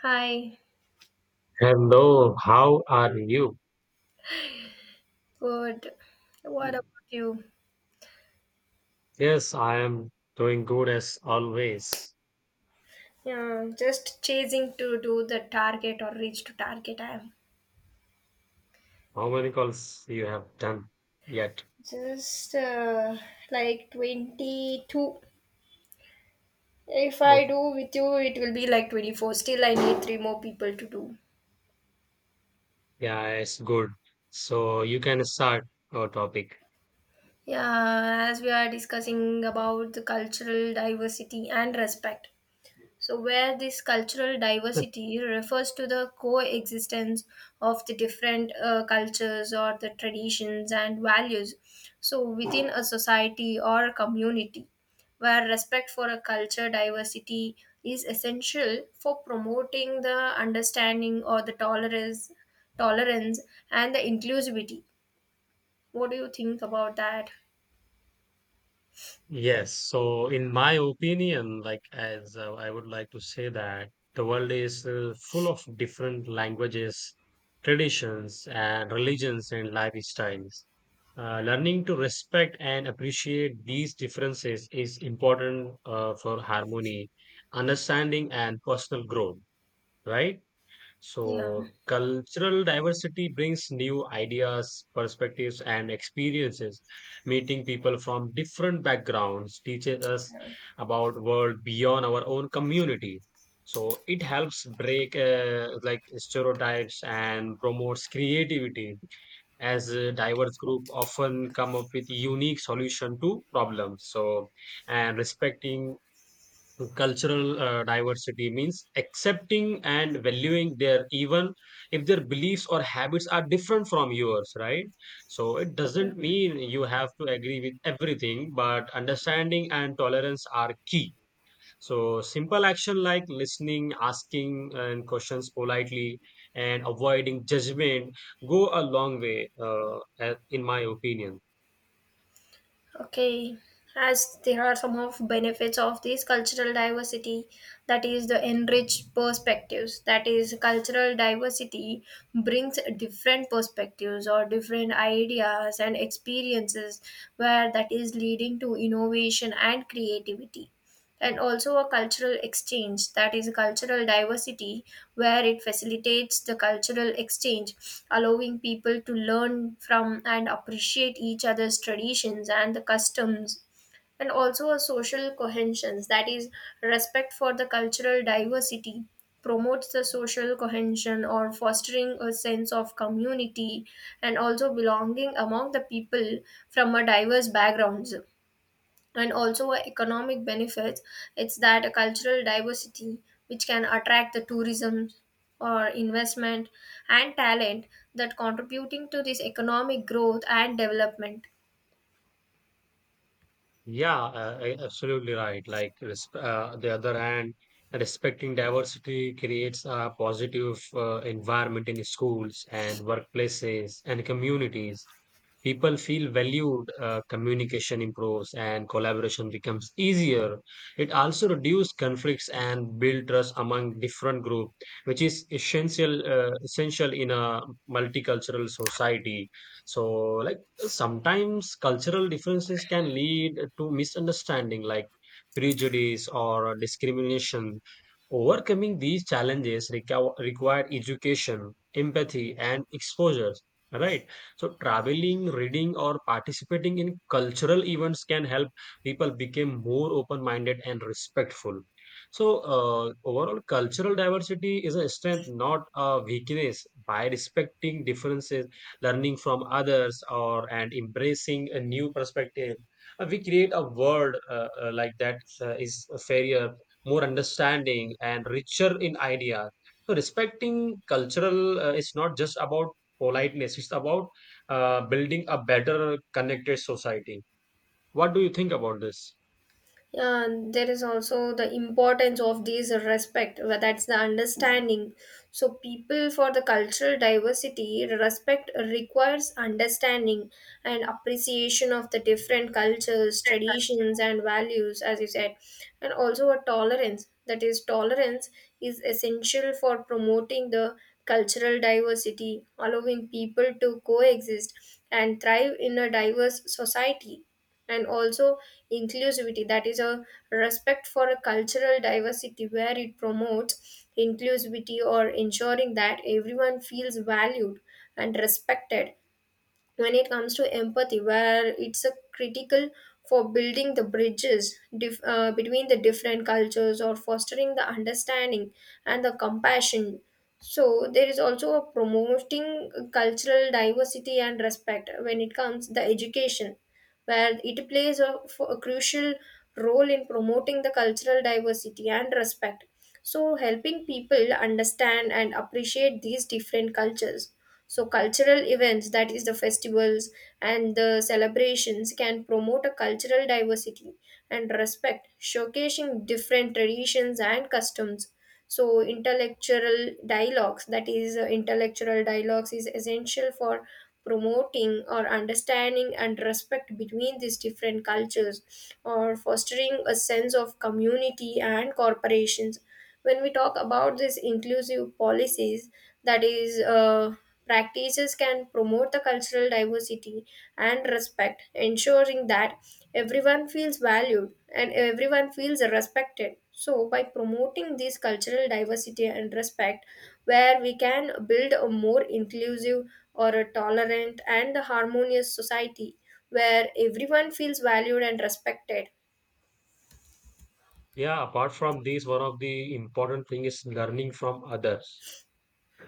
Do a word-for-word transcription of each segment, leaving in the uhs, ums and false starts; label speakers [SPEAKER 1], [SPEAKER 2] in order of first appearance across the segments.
[SPEAKER 1] Hi,
[SPEAKER 2] Hello, how are you?
[SPEAKER 1] good. What about you?
[SPEAKER 2] Yes, I am doing good as always.
[SPEAKER 1] Yeah, just chasing to do the target or reach to target. I am
[SPEAKER 2] How many calls you have done yet?
[SPEAKER 1] just uh, Like twenty-two. If I
[SPEAKER 2] Oh,
[SPEAKER 1] do with you, it will be like twenty-four. Still, I need three more people to do.
[SPEAKER 2] yeah, it's good. So you can start your topic.
[SPEAKER 1] Yeah, as we are discussing about the cultural diversity and respect. So, where this cultural diversity refers to the coexistence of the different uh, cultures or the traditions and values, so within a society or a community, where respect for a culture diversity is essential for promoting the understanding or the tolerance tolerance and the inclusivity. What do you think about that?
[SPEAKER 2] Yes. So, in my opinion, like as uh, I would like to say that the world is uh, full of different languages, traditions, and religions and lifestyles. Uh, learning to respect and appreciate these differences is important uh, for harmony, understanding, and personal growth, right?
[SPEAKER 1] Yeah.
[SPEAKER 2] So, cultural diversity brings new ideas, perspectives, and experiences. Meeting people from different backgrounds teaches us about world beyond our own community. So, it helps break uh, like stereotypes and promotes creativity as a diverse group often come up with unique solution to problems. So, and respecting cultural uh, diversity means accepting and valuing their even if their beliefs or habits are different from yours, right? So it
[SPEAKER 1] Yeah.
[SPEAKER 2] doesn't mean you have to agree with everything, but understanding and tolerance are key. So simple action like listening, asking and questions politely and avoiding judgment go a long way, uh, a- in my opinion.
[SPEAKER 1] Okay, as there are some of benefits of this cultural diversity, that is the enriched perspectives. That is cultural diversity brings different perspectives or different ideas and experiences where that is leading to innovation and creativity, and also a cultural exchange. That is cultural diversity where it facilitates the cultural exchange, allowing people to learn from and appreciate each other's traditions and the customs, and also a social cohesion. That is, respect for the cultural diversity promotes the social cohesion or fostering a sense of community and also belonging among the people from a diverse backgrounds, and also uh, economic benefits. It's that a cultural diversity which can attract the tourism or investment and talent, that contributing to this economic growth and development.
[SPEAKER 2] Yeah, uh, uh, absolutely right. Like resp uh, the other hand, respecting diversity creates a positive uh, environment in schools and workplaces and communities. People feel valued, uh, communication improves, and collaboration becomes easier. It also reduces conflicts and build trust among different groups, which is essential uh, essential in a multicultural society. So, like sometimes cultural differences can lead to misunderstanding like prejudice or discrimination. Overcoming these challenges require, require education, empathy, and exposure. Right. So, traveling, reading, or participating in cultural events can help people become more open minded and respectful. So, uh, overall, cultural diversity is a strength, not a weakness. By respecting differences, learning from others or and embracing a new perspective, Uh, we create a world uh, uh, like that uh, is fairer, more understanding and richer in ideas. So respecting cultural uh, is not just about politeness, it's about uh, building a better connected society. What do you think about this?
[SPEAKER 1] Yeah, and there is also the importance of these respect, where that's the understanding. So, people for the cultural diversity, respect requires understanding and appreciation of the different cultures, traditions, and values, as you said, and also a tolerance. That is, tolerance is essential for promoting the cultural diversity, allowing people to coexist and thrive in a diverse society, and also inclusivity. That is a respect for a cultural diversity where it promotes inclusivity or ensuring that everyone feels valued and respected. When it comes to empathy, where it's a critical for building the bridges dif- uh, between the different cultures or fostering the understanding and the compassion. So there is also a promoting cultural diversity and respect. When it comes the education, where it plays a, f- a crucial role in promoting the cultural diversity and respect, so helping people understand and appreciate these different cultures. So, cultural events, that is the festivals and the celebrations, can promote a cultural diversity and respect, showcasing different traditions and customs. So, intellectual dialogues, that is, uh, intellectual dialogues, is essential for promoting or understanding and respect between these different cultures or fostering a sense of community and corporations. When we talk about these inclusive policies, that is uh, practices can promote the cultural diversity and respect, ensuring that everyone feels valued and everyone feels respected. So, by promoting this cultural diversity and respect, where we can build a more inclusive or a tolerant and harmonious society where everyone feels valued and respected.
[SPEAKER 2] Yeah, apart from this, one of the important thing is learning from others.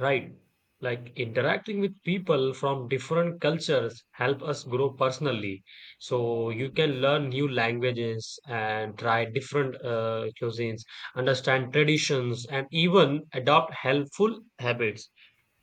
[SPEAKER 2] Right. Like interacting with people from different cultures help us grow personally. So you can learn new languages and try different uh, cuisines, understand traditions, and even adopt helpful habits.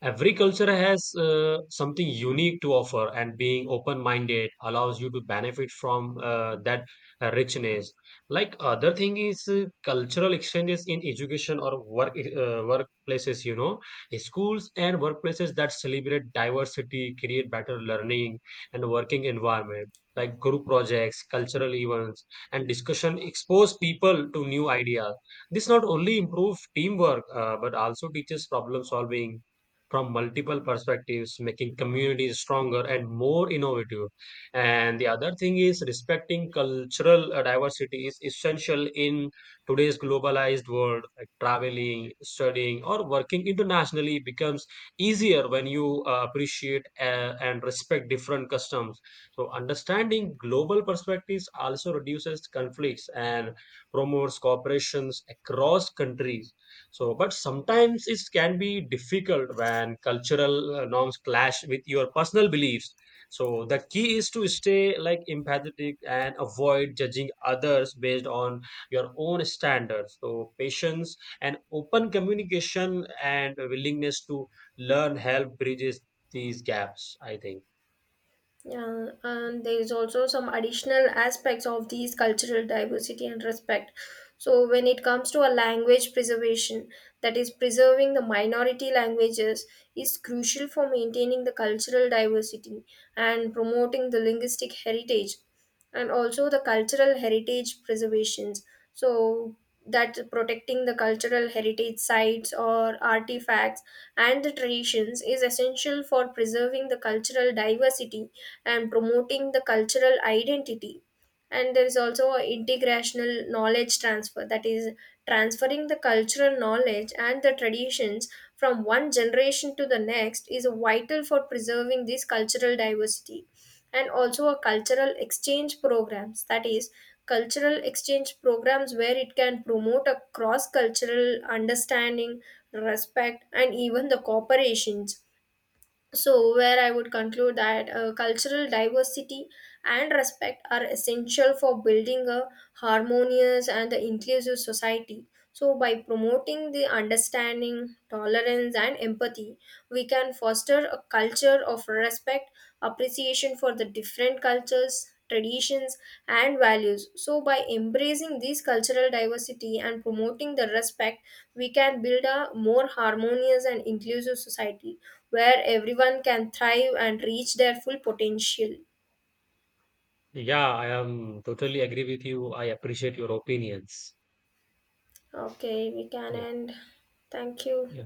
[SPEAKER 2] Every culture has uh, something unique to offer, and being open minded allows you to benefit from uh, that uh, richness. Like other thing is uh, cultural exchanges in education or work uh, workplaces. You know, schools and workplaces that celebrate diversity create better learning and working environment. Like group projects, cultural events, and discussion expose people to new ideas. This not only improves teamwork, uh, but also teaches problem solving from multiple perspectives, making communities stronger and more innovative. And the other thing is respecting cultural uh, diversity is essential in today's globalized world. Like traveling, studying, or working internationally becomes easier when you uh, appreciate uh, and respect different customs. So, understanding global perspectives also reduces conflicts and promotes cooperations across countries. So, but sometimes it can be difficult when cultural uh, norms clash with your personal beliefs. So, the key is to stay like empathetic and avoid judging others based on your own standards. So, patience and open communication and willingness to learn help bridges these gaps, I think.
[SPEAKER 1] Yeah, and there is also some additional aspects of these cultural diversity and respect. So, when it comes to a language preservation, that is, preserving the minority languages is crucial for maintaining the cultural diversity and promoting the linguistic heritage, and also the cultural heritage preservations. So, that protecting the cultural heritage sites or artifacts and the traditions is essential for preserving the cultural diversity and promoting the cultural identity, and there is also a integrational knowledge transfer. That is, transferring the cultural knowledge and the traditions from one generation to the next is vital for preserving this cultural diversity, and also a cultural exchange programs. That is, cultural exchange programs where it can promote a cross cultural understanding, respect, and even the cooperations. So, where I would conclude that uh, cultural diversity and respect are essential for building a harmonious and inclusive society. So, by promoting the understanding, tolerance, and empathy, we can foster a culture of respect, appreciation for the different cultures, traditions, and values. So, by embracing this cultural diversity and promoting the respect, we can build a more harmonious and inclusive society where everyone can thrive and reach their full potential.
[SPEAKER 2] Yeah, I am totally agree with you. I appreciate your opinions.
[SPEAKER 1] Okay, we can
[SPEAKER 2] Yeah,
[SPEAKER 1] end. Thank you.
[SPEAKER 2] yeah.